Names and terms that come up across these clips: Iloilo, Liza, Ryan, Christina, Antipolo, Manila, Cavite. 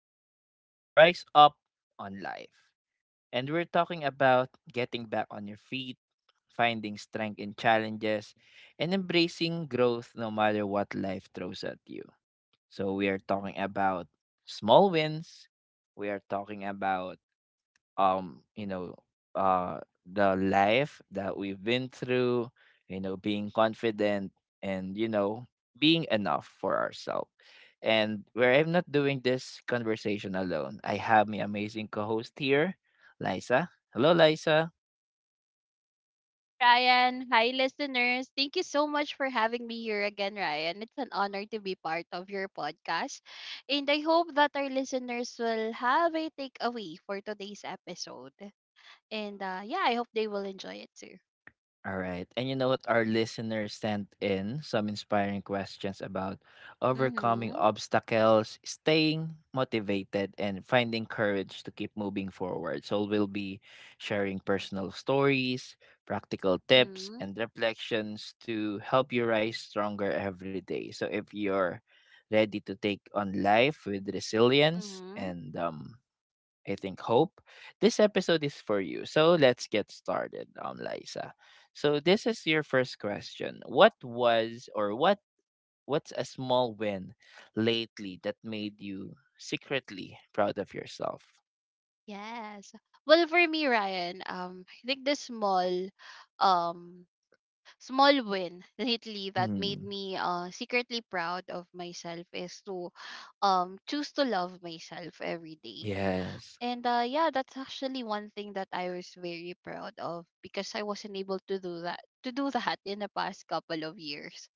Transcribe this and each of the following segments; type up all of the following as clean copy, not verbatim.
called Rise Up on Life. And we're talking about getting back on your feet, finding strength in challenges, and embracing growth no matter what life throws at you. So we are talking about small wins, we are talking about um you know uh the life that we've been through, you know, being confident, and you know being enough for ourselves. And where I'm not doing this conversation alone, I have my amazing co-host here, Liza. Hello Liza. Ryan. Hi, listeners. Thank you so much for having me here again, Ryan. It's an honor to be part of your podcast. And I hope that our listeners will have a takeaway for today's episode. And yeah, I hope they will enjoy it too. All right. And you know what? Our listeners sent in some inspiring questions about overcoming Mm-hmm. obstacles, staying motivated, and finding courage to keep moving forward. So we'll be sharing personal stories, practical tips, Mm-hmm. and reflections to help you rise stronger every day. So if you're ready to take on life with resilience Mm-hmm. and, I think hope. This episode is for you. So let's get started, Liza. So this is your first question. What was or what what's a small win lately that made you secretly proud of yourself? Yes. Well, for me, Ryan, I think the small um small win lately that made Mm, me secretly proud of myself is to choose to love myself every day. yes. And yeah, that's actually one thing that I was very proud of because I wasn't able to do that in the past couple of years.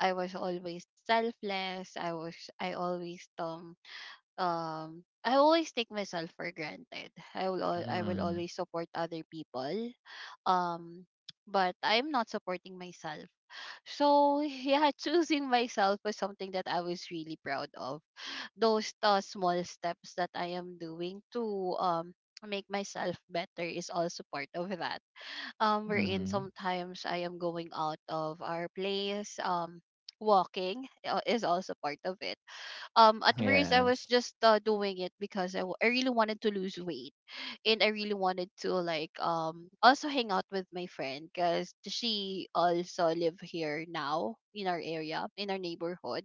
I was always selfless. I was I always um I always take myself for granted. I will Mm, always support other people. Um but I'm not supporting myself. So yeah, choosing myself was something that I was really proud of. Those small steps that I am doing to make myself better is also part of that. Wherein mm, sometimes I am going out of our place. Walking is also part of it at first I was yes. just doing it because I really wanted to lose weight, and I really wanted to like also hang out with my friend because she also live here now in our area in our neighborhood.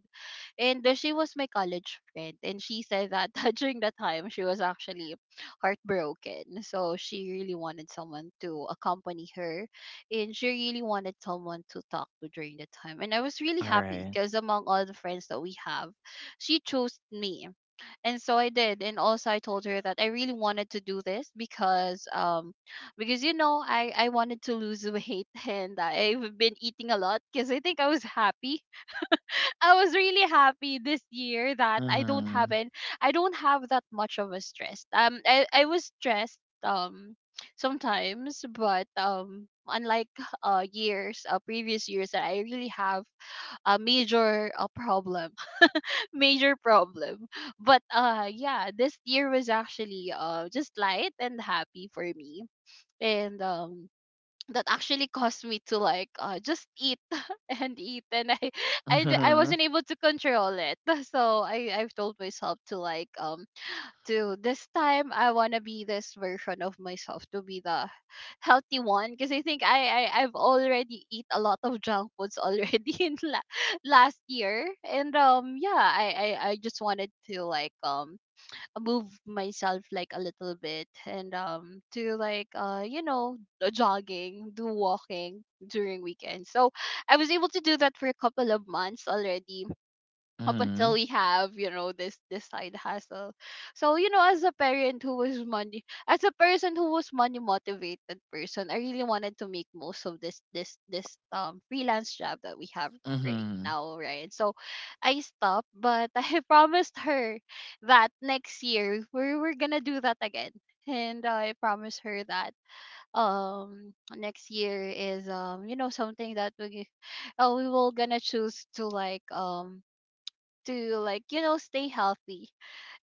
And she was my college friend. And she said that during that time, she was actually heartbroken. So she really wanted someone to accompany her. And she really wanted someone to talk to during the time. And I was really All happy right. because among all the friends that we have, she chose me. And so I did. And also I told her that I really wanted to do this because I wanted to lose weight and I've been eating a lot because I think I was happy. I was really happy this year that Mm, I don't have that much of a stress. Um, I was stressed sometimes but um, unlike years, previous years that I really have a major problem. Major problem. But yeah, this year was actually just light and happy for me. And that actually caused me to like just eat and eat and I mm, wasn't able to control it. So I've told myself to like to this time I want to be this version of myself, to be the healthy one, because I think I I've already eat a lot of junk foods already last year. And yeah, I just wanted to like move myself like a little bit and do like jogging, do walking during weekends. So I was able to do that for a couple of months already, up until mm, we have this side hustle. So as a parent who was money, as a person who was money motivated person, I really wanted to make most of this freelance job that we have right mm, now, right? So I stopped, but I promised her that next year we're gonna do that again. And I promised her that um next year is something that we will gonna choose to like stay healthy.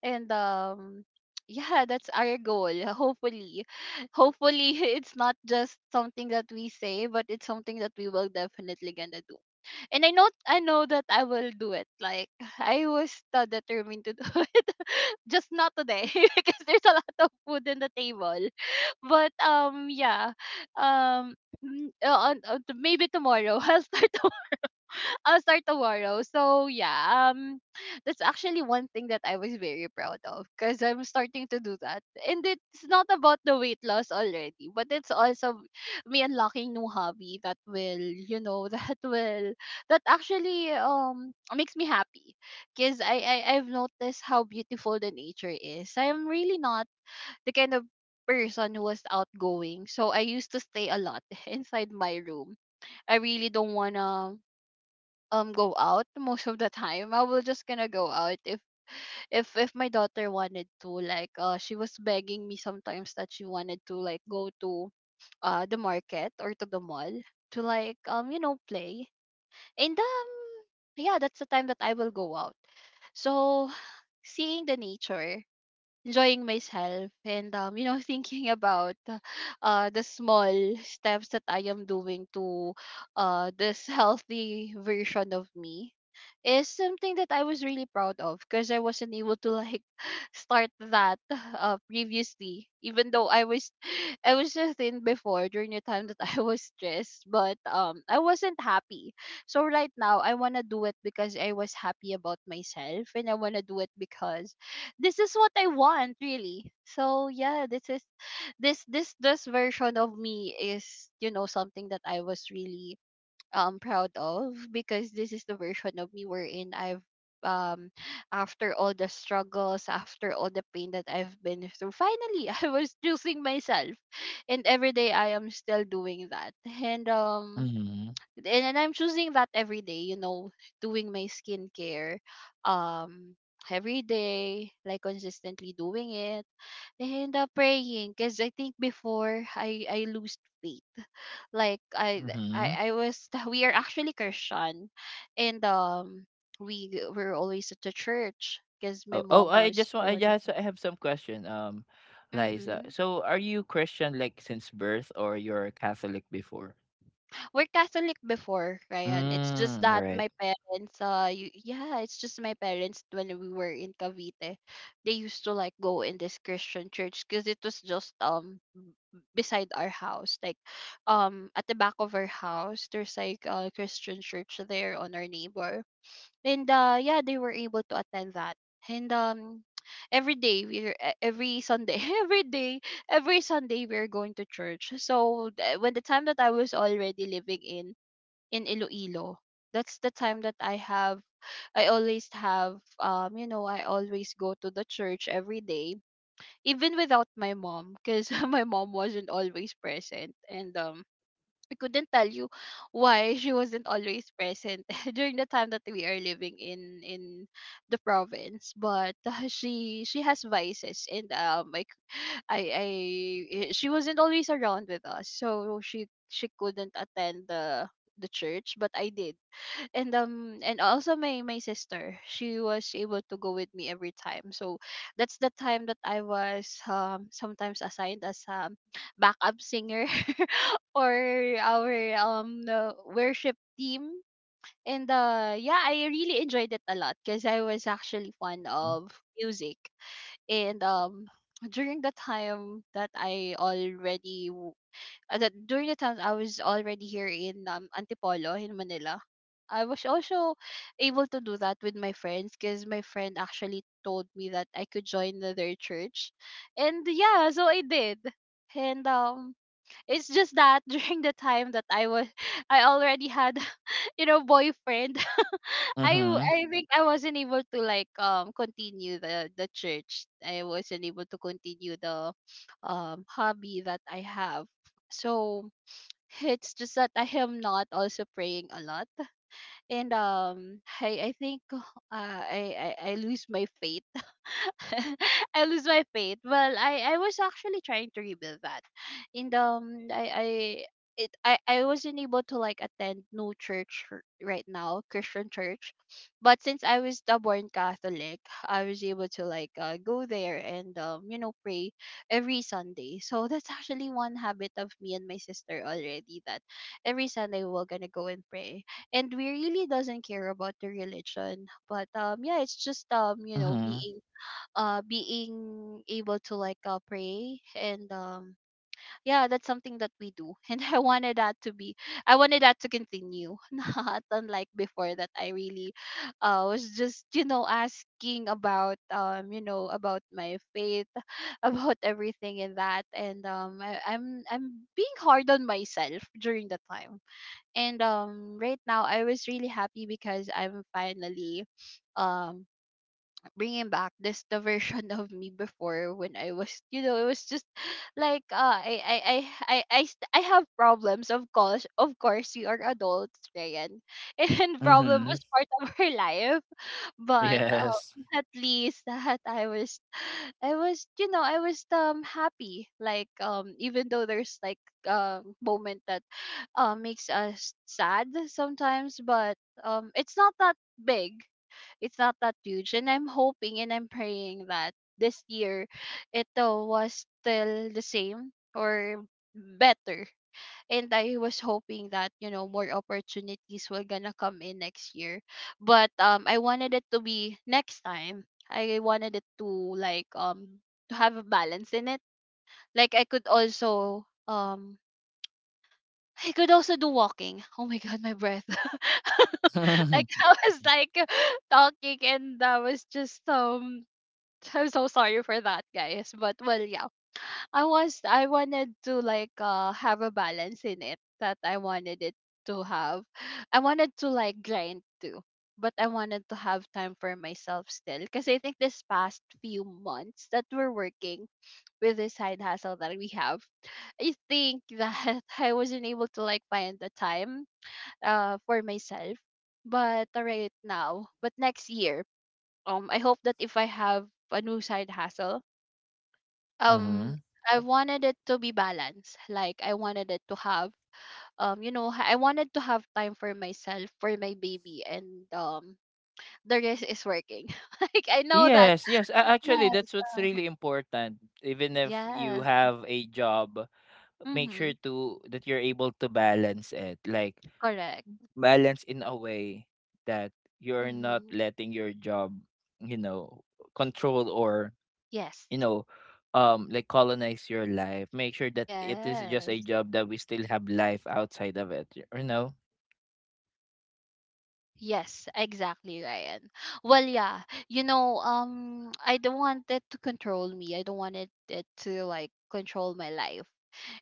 And yeah, that's our goal, hopefully. Hopefully it's not just something that we say but it's something that we will definitely gonna do. And I know that I will do it, like I was determined to do it, just not today, because there's a lot of food in the table. But yeah. um Maybe tomorrow I'll start. I'll start tomorrow. So yeah, that's actually one thing that I was very proud of, because I'm starting to do that, and it's not about the weight loss already, but it's also me unlocking new hobby that will, you know, that actually makes me happy. Because I I've noticed how beautiful the nature is. I am really not the kind of person who was outgoing, so I used to stay a lot inside my room. I really don't wanna go out most of the time. I will just gonna go out if if my daughter wanted to like she was begging me sometimes that she wanted to like go to the market or to the mall to like play. And yeah, that's the time that I will go out. So seeing the nature, enjoying myself, and thinking about the small steps that I am doing to this healthy version of me is something that I was really proud of, because I wasn't able to like start that previously, even though I was I was so thin before during the time that I was stressed but I wasn't happy. So right now I want to do it because I was happy about myself, and I want to do it because this is what I want really. So yeah, this is this version of me is something that I was really proud of, because this is the version of me wherein I've um after all the struggles, after all the pain that I've been through, finally I was choosing myself. And every day I am still doing that. And mm, and I'm choosing that every day, you know, doing my skincare um every day, like consistently doing it. And praying, because I think before I lose faith. Like mm. I was we are actually Christian. And we were always at the church because my Oh, oh, mom I was just the want, I one. just I have some question, Liza. So, are you Christian like since birth, or you're Catholic before? We're Catholic before, Ryan. It's just Mm, all that right. my parents, yeah, it's just my parents, when we were in Cavite, they used to like go in this Christian church because it was just beside our house, like at the back of our house, there's like a Christian church there on our neighbor. And yeah, they were able to attend that. And every day we are every Sunday, every day, every Sunday we we're going to church. So when the time that I was already living in Iloilo, that's the time that I have. I always have you know, I always go to the church every day, even without my mom, because my mom wasn't always present. And we couldn't tell you why she wasn't always present during the time that we are living in the province, but she has vices. And um, like i i she wasn't always around with us, so she couldn't attend the church. But I did. And and also my sister, she was able to go with me every time. So that's the time that I was sometimes assigned as backup singer, or our the worship team. And yeah, I really enjoyed it a lot because I was actually fond Mm-hmm. of music. And during the time that during the time I was already here in Antipolo, in Manila, I was also able to do that with my friends, because my friend actually told me that I could join their church. And yeah, so I did. And it's just that during the time that I was I already had, you know, boyfriend. I think I wasn't able to like continue the church. I wasn't able to continue the hobby that I have. So it's just that I am not also praying a lot, and I think I lose my faith. I lose my faith. Well, I was actually trying to rebuild that. And I wasn't able to like attend no church, right now, Christian church. But since I was the born Catholic, I was able to like go there and pray every Sunday. So that's actually one habit of me and my sister already, that every Sunday we're gonna go and pray. And we really doesn't care about the religion, but yeah, it's just Mm-hmm. being being able to like pray. And yeah, that's something that we do. And I wanted that to be, I wanted that to continue. Not unlike before, that I really was just asking about about my faith. About everything in that. And I'm being hard on myself during the time. And right now I was really happy because I'm finally um bringing back this the version of me before, when I was, you know, it was just like I have problems. Of course, of course we are adults, Ryan, and problem Mm-hmm. was part of our life. But Yes. At least that I was, I was, you know, I was happy, like even though there's like moment that makes us sad sometimes. But it's not that big. It's not that huge. And I'm hoping and I'm praying that this year it was still the same or better. And I was hoping that, you know, more opportunities were gonna come in next year. But I wanted it to be next time. I wanted it to like to have a balance in it. Like I could also do walking. Oh my god, my breath. mm-hmm. Like I was like talking, and I was just I'm so sorry for that, guys. But, well, yeah. I was, I wanted to like have a balance in it that I wanted it to have. I wanted to like grind too. But I wanted to have time for myself still. Because I think this past few months that we're working with this side hustle that we have, I think that I wasn't able to like find the time for myself. But right now, but next year, I hope that if I have a new side hustle, um, I wanted it to be balanced. Like I wanted it to have I wanted to have time for myself, for my baby, and the rest is working. Like I know that. Yes. Yes. Yes. Actually, that's what's really important. Even if you Yes. have a job, make sure Mm-hmm. to that you're able to balance it. Like Correct. balance in a way that you're not Mm-hmm. letting your job, you know, control or, Yes. you know, like colonize your life. Make sure that it is just a Yes. job, that we still have life outside of it, you know? Yes, exactly, Ryan. Well, yeah, you know, I don't want it to control me. I don't want it to like control my life.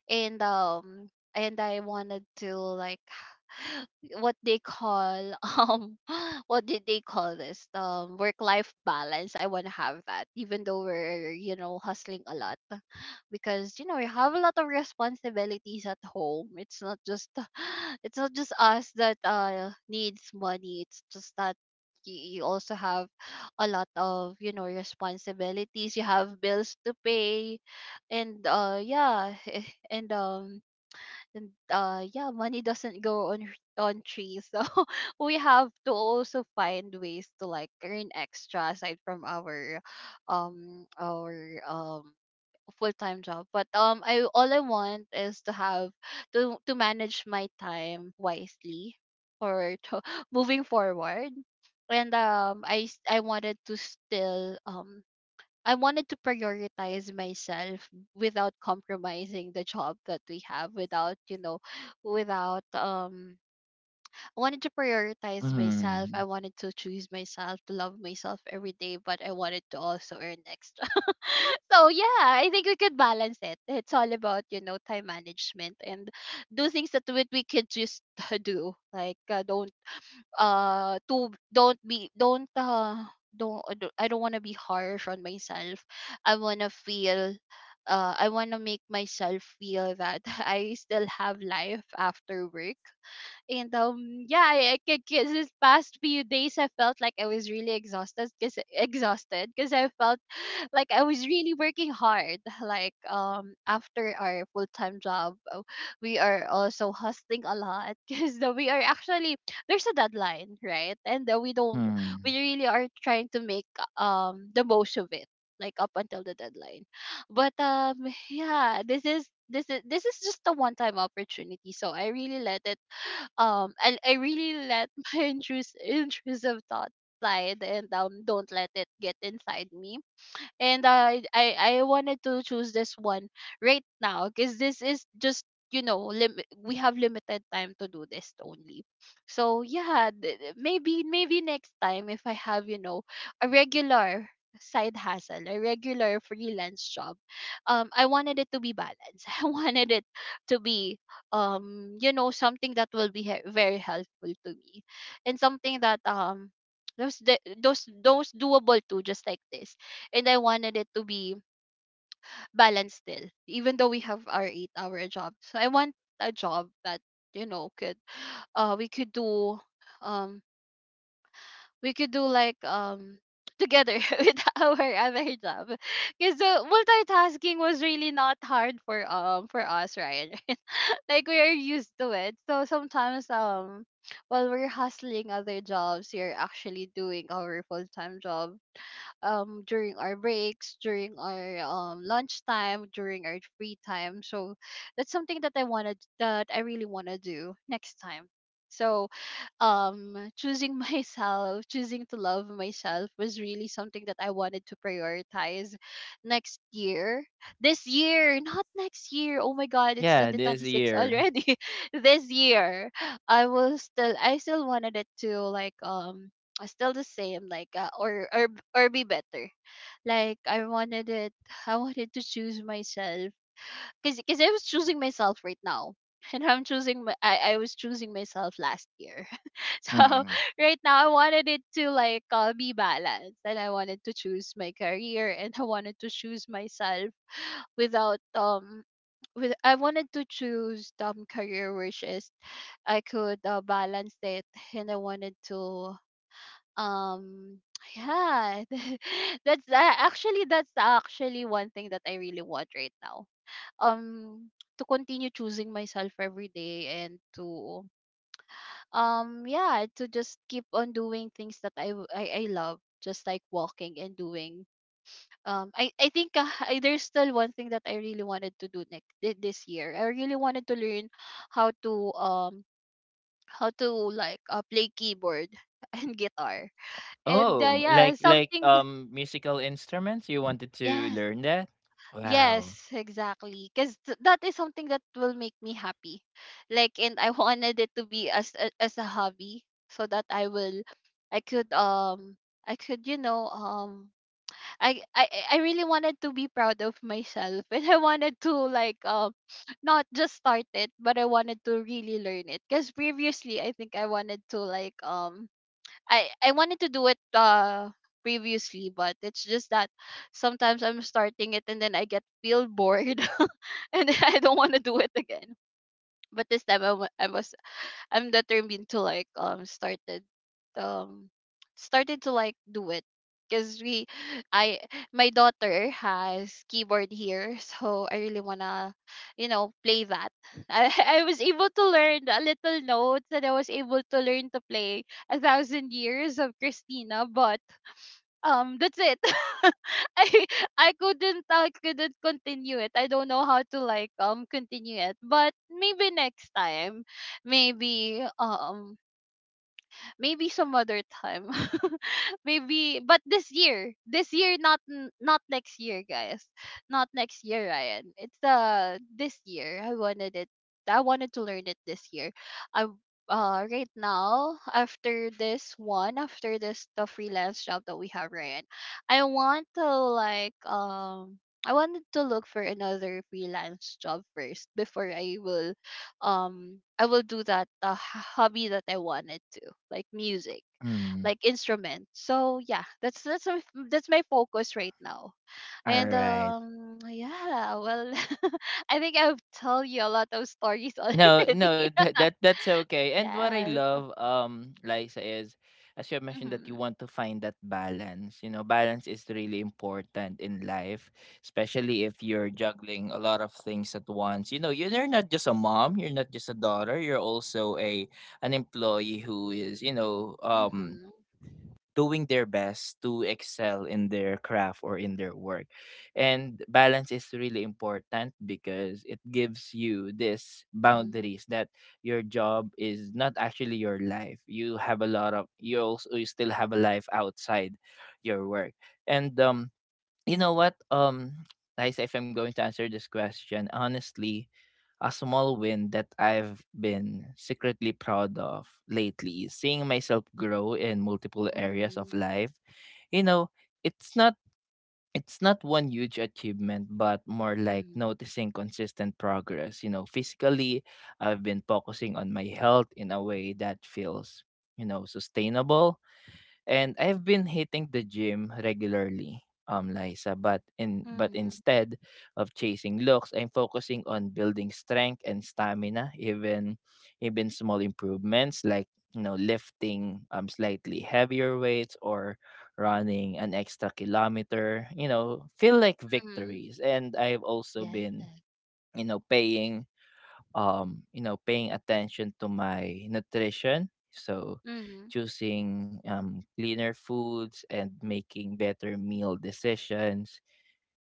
And and I wanted to like what they call what did they call this, work life balance. I want to have that, even though we're, you know, hustling a lot. Because, you know, we have a lot of responsibilities at home. It's not just it's not just us that needs money. It's just that you also have a lot of, you know, responsibilities. You have bills to pay. And yeah. And and yeah, money doesn't go on on trees. So we have to also find ways to like earn extra aside from our um our um full-time job. But I all I want is to have to manage my time wisely for to, moving forward. And I wanted to still I wanted to prioritize myself without compromising the job that we have, without, you know, without I wanted to prioritize myself, I Mm. wanted to choose myself, to love myself every day. But I wanted to also earn extra. So yeah, I think we could balance it. It's all about, you know, time management. And do things that we could just do. Like, don't to don't be don't I don't I don't want to be harsh on myself. I want to feel I want to make myself feel that I still have life after work. And yeah, I could, cause this past few days I felt like I was really exhausted, because I felt like I was really working hard. Like after our full time job, we are also hustling a lot because we are actually, there's a deadline, right? And we don't, Mm. we really are trying to make the most of it, like up until the deadline. But yeah, this is just a one time opportunity. So I really let it and I really let my intrusive thoughts slide. And don't let it get inside me. And I wanted to choose this one right now, because this is just, you know, we have limited time to do this only. So yeah, maybe, maybe next time if I have, you know, a regular side hustle, a regular freelance job, I wanted it to be balanced. I wanted it to be you know, something that will be very helpful to me, and something that those de- those doable too, just like this. And I wanted it to be balanced still, even though we have our 8 hour job. So I want a job that, you know, could uh we could do um we could do like together with our other job. Because the multitasking was really not hard for us, Ryan. Like we are used to it. So sometimes while we're hustling other jobs, you're actually doing our full time job during our breaks, during our lunchtime, during our free time. So that's something that I wanted, that I really want to do next time. So choosing myself, choosing to love myself was really something that I wanted to prioritize next year. This year, not next year. Oh my god, it's Yeah, this 2026 year. already. This year. I still wanted it to like still the same, like, or be better. Like I wanted it I wanted to choose myself. Because I was choosing myself right now, and I was choosing myself last year. So Mm. right now I wanted it to like be balanced. And I wanted to choose my career, and I wanted to choose myself without with I wanted to choose career, which is I could balance it. And I wanted to um yeah that's actually that's actually one thing that I really want right now, um to continue choosing myself every day. And to yeah, to just keep on doing things that I love, just like walking and doing I think there's still one thing that I really wanted to do this year. I really wanted to learn how to um how to like play keyboard and guitar. And Oh, yeah, like something. Musical instruments. You wanted to Yes. learn that? Wow. Yes, exactly. Because that is something that will make me happy. Like, and I wanted it to be as as a hobby, so that I will, I could I could, you know, I really wanted to be proud of myself. And I wanted to like not just start it, but I wanted to really learn it. Because previously, I think I wanted to like I wanted to do it previously. But it's just that sometimes I'm starting it and then I get feel bored, and then I don't want to do it again. But this time I was, I'm determined to like um started to like do it. Because we I my daughter has keyboard here, so I really wanna, you know, play that. I was able to learn a little notes, and I was able to learn to play a thousand years of Christina. But that's it. I I couldn't continue it. I don't know how to like continue it. But maybe next time, maybe maybe some other time. Maybe, but this year. This year, not not next year, guys. Not next year, Ryan. It's this year. I wanted it, I wanted to learn it this year. I right now, after this one, after this the freelance job that we have, Ryan, I want to like I wanted to look for another freelance job first, before I will do that hobby that I wanted to, like music, Mm. like instrument. So yeah, that's that's my focus right now. All And right. Yeah, well. I think I've told you a lot of stories No, no, already. that, that that's okay. And what I Yes. love, Liza, is as you have mentioned that you Mhm. want to find that balance. You know, balance is really important in life, especially if you're juggling a lot of things at once. You know, you're not just a mom, you're not just a daughter, you're also a an employee who is, you know, Mhm. doing their best to excel in their craft or in their work. And balance is really important because it gives you this Mhm. boundaries that your job is not actually your life. You have a lot of you still have a life outside your work. And you know what Liza, if I'm going to answer this question, honestly, a small win that I've been secretly proud of lately is seeing myself grow in multiple areas of Mhm. life. You know, it's not it's not one huge achievement, but more like Mhm. noticing consistent progress. You know, physically, I've been focusing on my health in a way that feels, you know, sustainable, and I've been hitting the gym regularly, Liza, but in but Mhm. instead of chasing looks, I'm focusing on building strength and stamina, even even small improvements like, you know, lifting slightly heavier weights or running an extra kilometer, you know, feel like Mhm. victories. And I've also been, Yes. you know, paying you know, paying attention to my nutrition. So Mhm. choosing, cleaner foods and making better meal decisions,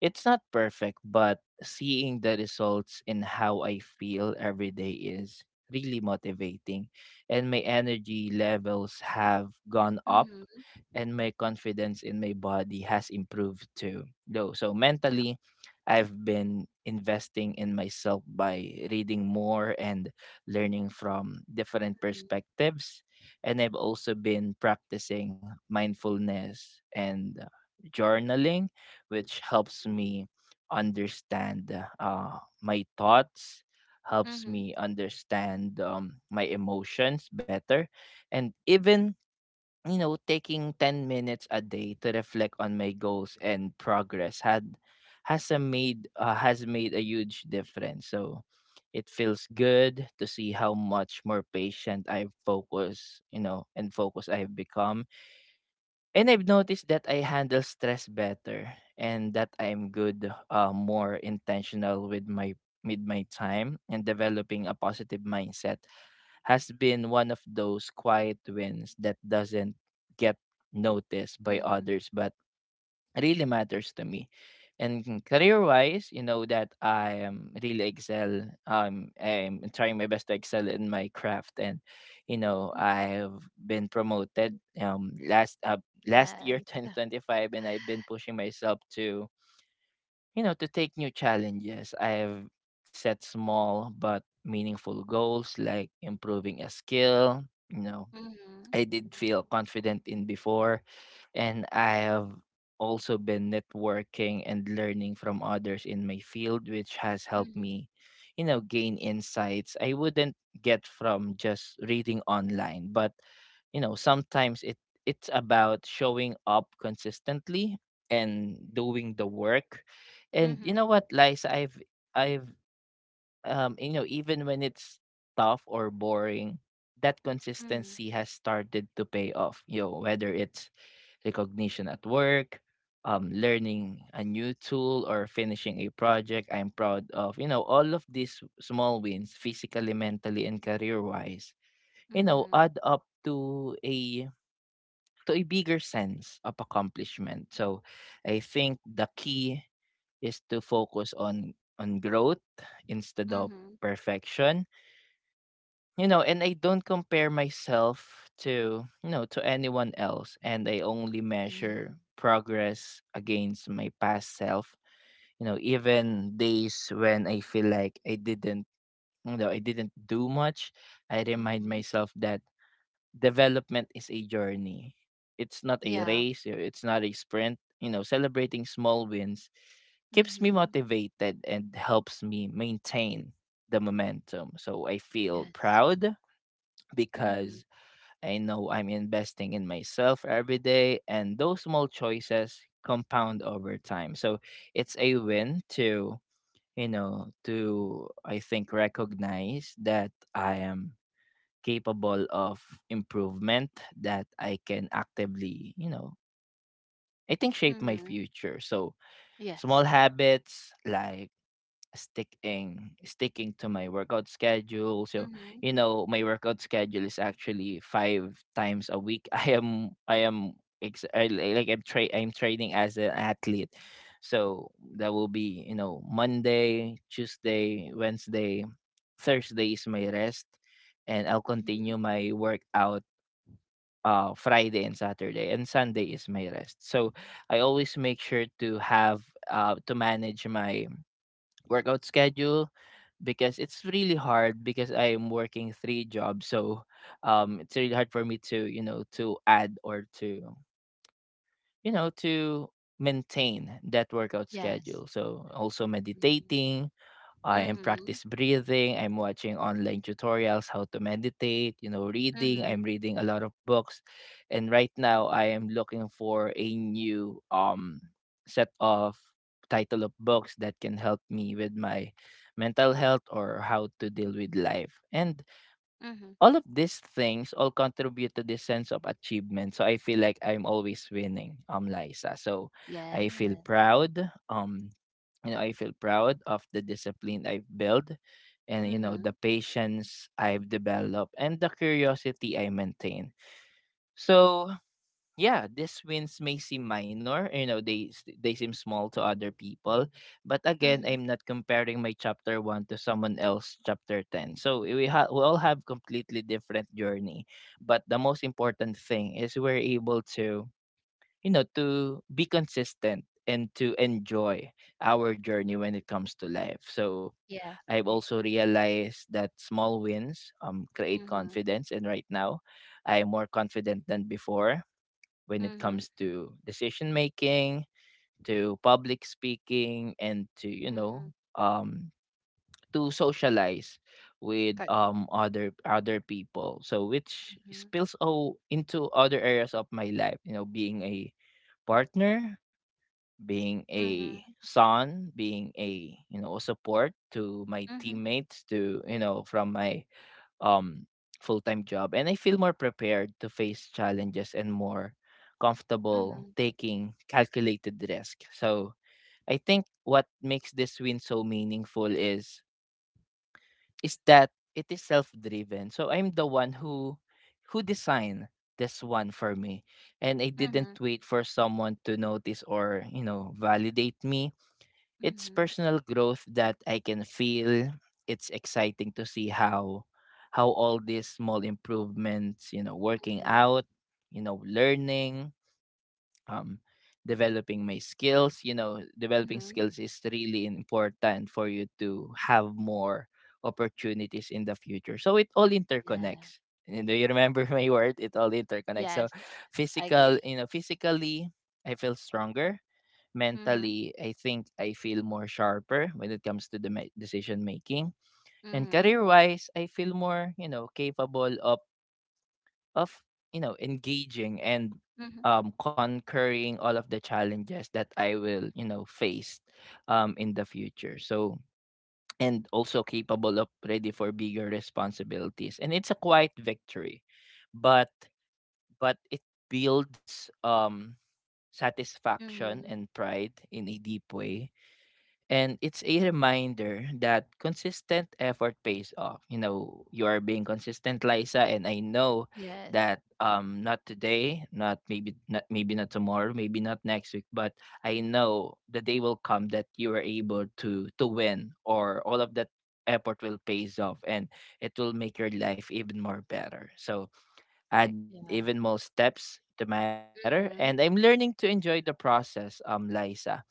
it's not perfect, but seeing the results in how I feel every day is really motivating. And my energy levels have gone up Mhm. and my confidence in my body has improved too. Though so mentally I've been investing in myself by reading more and learning from different Mhm. perspectives. And I've also been practicing mindfulness and, journaling, which helps me understand, uh, my thoughts, helps Mhm. me understand, my emotions better, and even, you know, taking 10 minutes a day to reflect on my goals and progress had has a made has made a huge difference. So it feels good to see how much more patient I've focused you know and focused I've become. And I've noticed that I handle stress better, and that I'm more intentional with my time, and developing a positive mindset has been one of those quiet wins that doesn't get noticed by Mhm. others but really matters to me. And career wise, you know that I am really excel. I'm trying my best to excel in my craft, and you know Mhm. I've been promoted last year, Yes. 2025, and I've been pushing myself to, you know, to take new challenges. I've set small but meaningful goals like improving a skill, you know, Mhm. I did feel confident in before. And I have also been networking and learning from others in my field, which has helped Mhm. me, you know, gain insights I wouldn't get from just reading online. But, you know, sometimes it's about showing up consistently and doing the work. And Mhm. you know what, Liza, I've you know, even when it's tough or boring, that Mhm, consistency has started to pay off, you know, whether it's recognition at work, um, learning a new tool, or finishing a project I'm proud of. You know, all of these small wins, physically, mentally, and career wise, you know, mhm, add up to a bigger sense of accomplishment. So I think the key is to focus on growth instead of mhm. perfection. You know, and I don't compare myself to, you know, to anyone else, and I only measure Yeah. progress against my past self. You know, even days when I feel like I didn't do much, I remind Mhm. myself that development is a journey, it's not a Yeah. race. You know, it's not a sprint. You know, celebrating small wins keeps me Mhm. motivated and helps me maintain the momentum. So I feel Yes. proud, Mhm, because I know I'm investing in myself every day, and those small choices compound over time. So it's a win to, you know, to I think recognize that I am capable of improvement, that I can actively, you know, I think shape my mhm. future. So small Yes. habits like sticking to my workout schedule. So Mhm, you know, my workout schedule is actually five times a week. I am ex- I, li- like I'm tra- I'm training as an athlete. So that will be, you know, Monday, Tuesday, Wednesday. Thursday is my rest, and I'll mhm. continue my workout, uh, Friday and Saturday, and Sunday is my rest. So I always make sure to have, to manage my workout schedule, because it's really hard because I am working three jobs. So it's really hard for me to, you know, to add or to, you know, to maintain that workout Yes. schedule. So also Mhm, meditating, I am mhm, practice breathing. I'm watching online tutorials how to meditate, you know, reading. I'm mhm, reading a lot of books. And right now I am looking for a new set of title of books that can help me with my mental health or how to deal with life. And mhm. all of these things all contribute to this sense of achievement. So I feel like I'm always winning, Liza. So I feel Yeah. proud. Um, you know, I feel proud of the discipline I've built, and you know Mhm, the patience I've developed and the curiosity I maintain. So yeah, these wins may seem minor, you know, they seem small to other people, but again, mhm. I'm not comparing my chapter 1 to someone else chapter 10. So we all have completely different journey, but the most important thing is we're able to, you know, to be consistent and to enjoy our journey when it comes to life. So Yes. I've also I- realized that small wins create Mhm, confidence, and right now I am more confident than before when it mhm, comes to decision making, to public speaking, and to, you know, mhm. um, to socialize with, Correct. Other other people. So which Mhm, spills o into other areas of my life. You know, being a partner, being a mhm, son, being a you know support to my mhm, teammates, to you know from my, um, full time job. And I feel more prepared to face challenges and more comfortable mhm, taking calculated risk. So I think what makes this win so meaningful is that it is self driven. So I'm the one who designed this one for me. And I didn't mhm, wait for someone to notice or, you know, validate me. It's mhm, personal growth that I can feel. It's exciting to see how all these small improvements, you know, working mhm, out, you know, learning, um, developing my skills, you know, developing mhm. skills is really important for you to have more opportunities in the future. So it all Yeah. interconnects. And do you remember my word? It all interconnects. So Yes. I physical, agree. you know, physically I feel stronger, Mhm, mentally, I think I feel more sharper when it comes to the decision making. And mhm, career wise, I feel more, you know, capable of you know engaging and mhm, conquering all of the challenges that I will, you know, face in the future. So and also capable of ready for bigger responsibilities. And it's a quiet victory. But but it builds satisfaction mhm. and pride in a deep way. And it's a reminder that consistent effort pays off. You know, you are being consistent, Liza, and I know Yes. that, um, not today, not maybe not tomorrow, maybe not next week, but I know the day will come that you are able to win or all of that effort will pays off and it will make your life even more better. So add Yeah. even more steps to matter, Mm-hmm. and I'm learning to enjoy the process, um, Liza,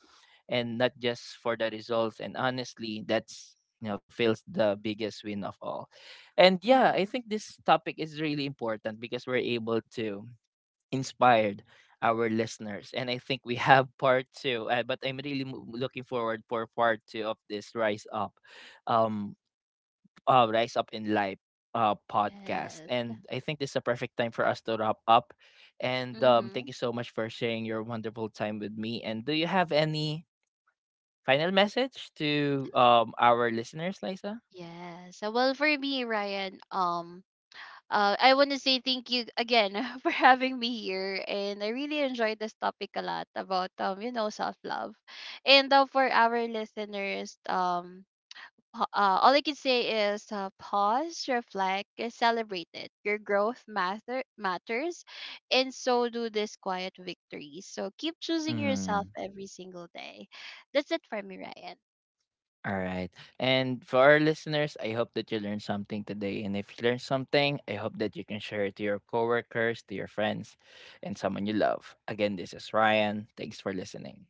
and not just for the results. And honestly, that's you know feels the biggest win of all. And yeah, I Mm-hmm. think this topic is really important because we're able to inspire our listeners. And I think we have part two. But I'm really looking forward for part two of this um, rise up in life. Podcast, Yes. and I think this is a perfect time for us to wrap up, and thank Mm-hmm. you so much for sharing your wonderful time with me, and do you have any final message to our listeners, Liza? Yes. So, well, for me, Ryan, I want to say thank you again for having me here. And I really enjoyed this topic a lot about you know, self love. And for our listeners, all I can say is, pause, reflect, and celebrate it. Your growth matters, and so do these quiet victories. So keep choosing yourself Mm, every single day. That's it for me, Ryan. all right. And for our listeners, I hope that you learned something today. And if you learned something, I hope that you can share it to your coworkers, to your friends, and someone you love. Again, this is Ryan. Thanks for listening.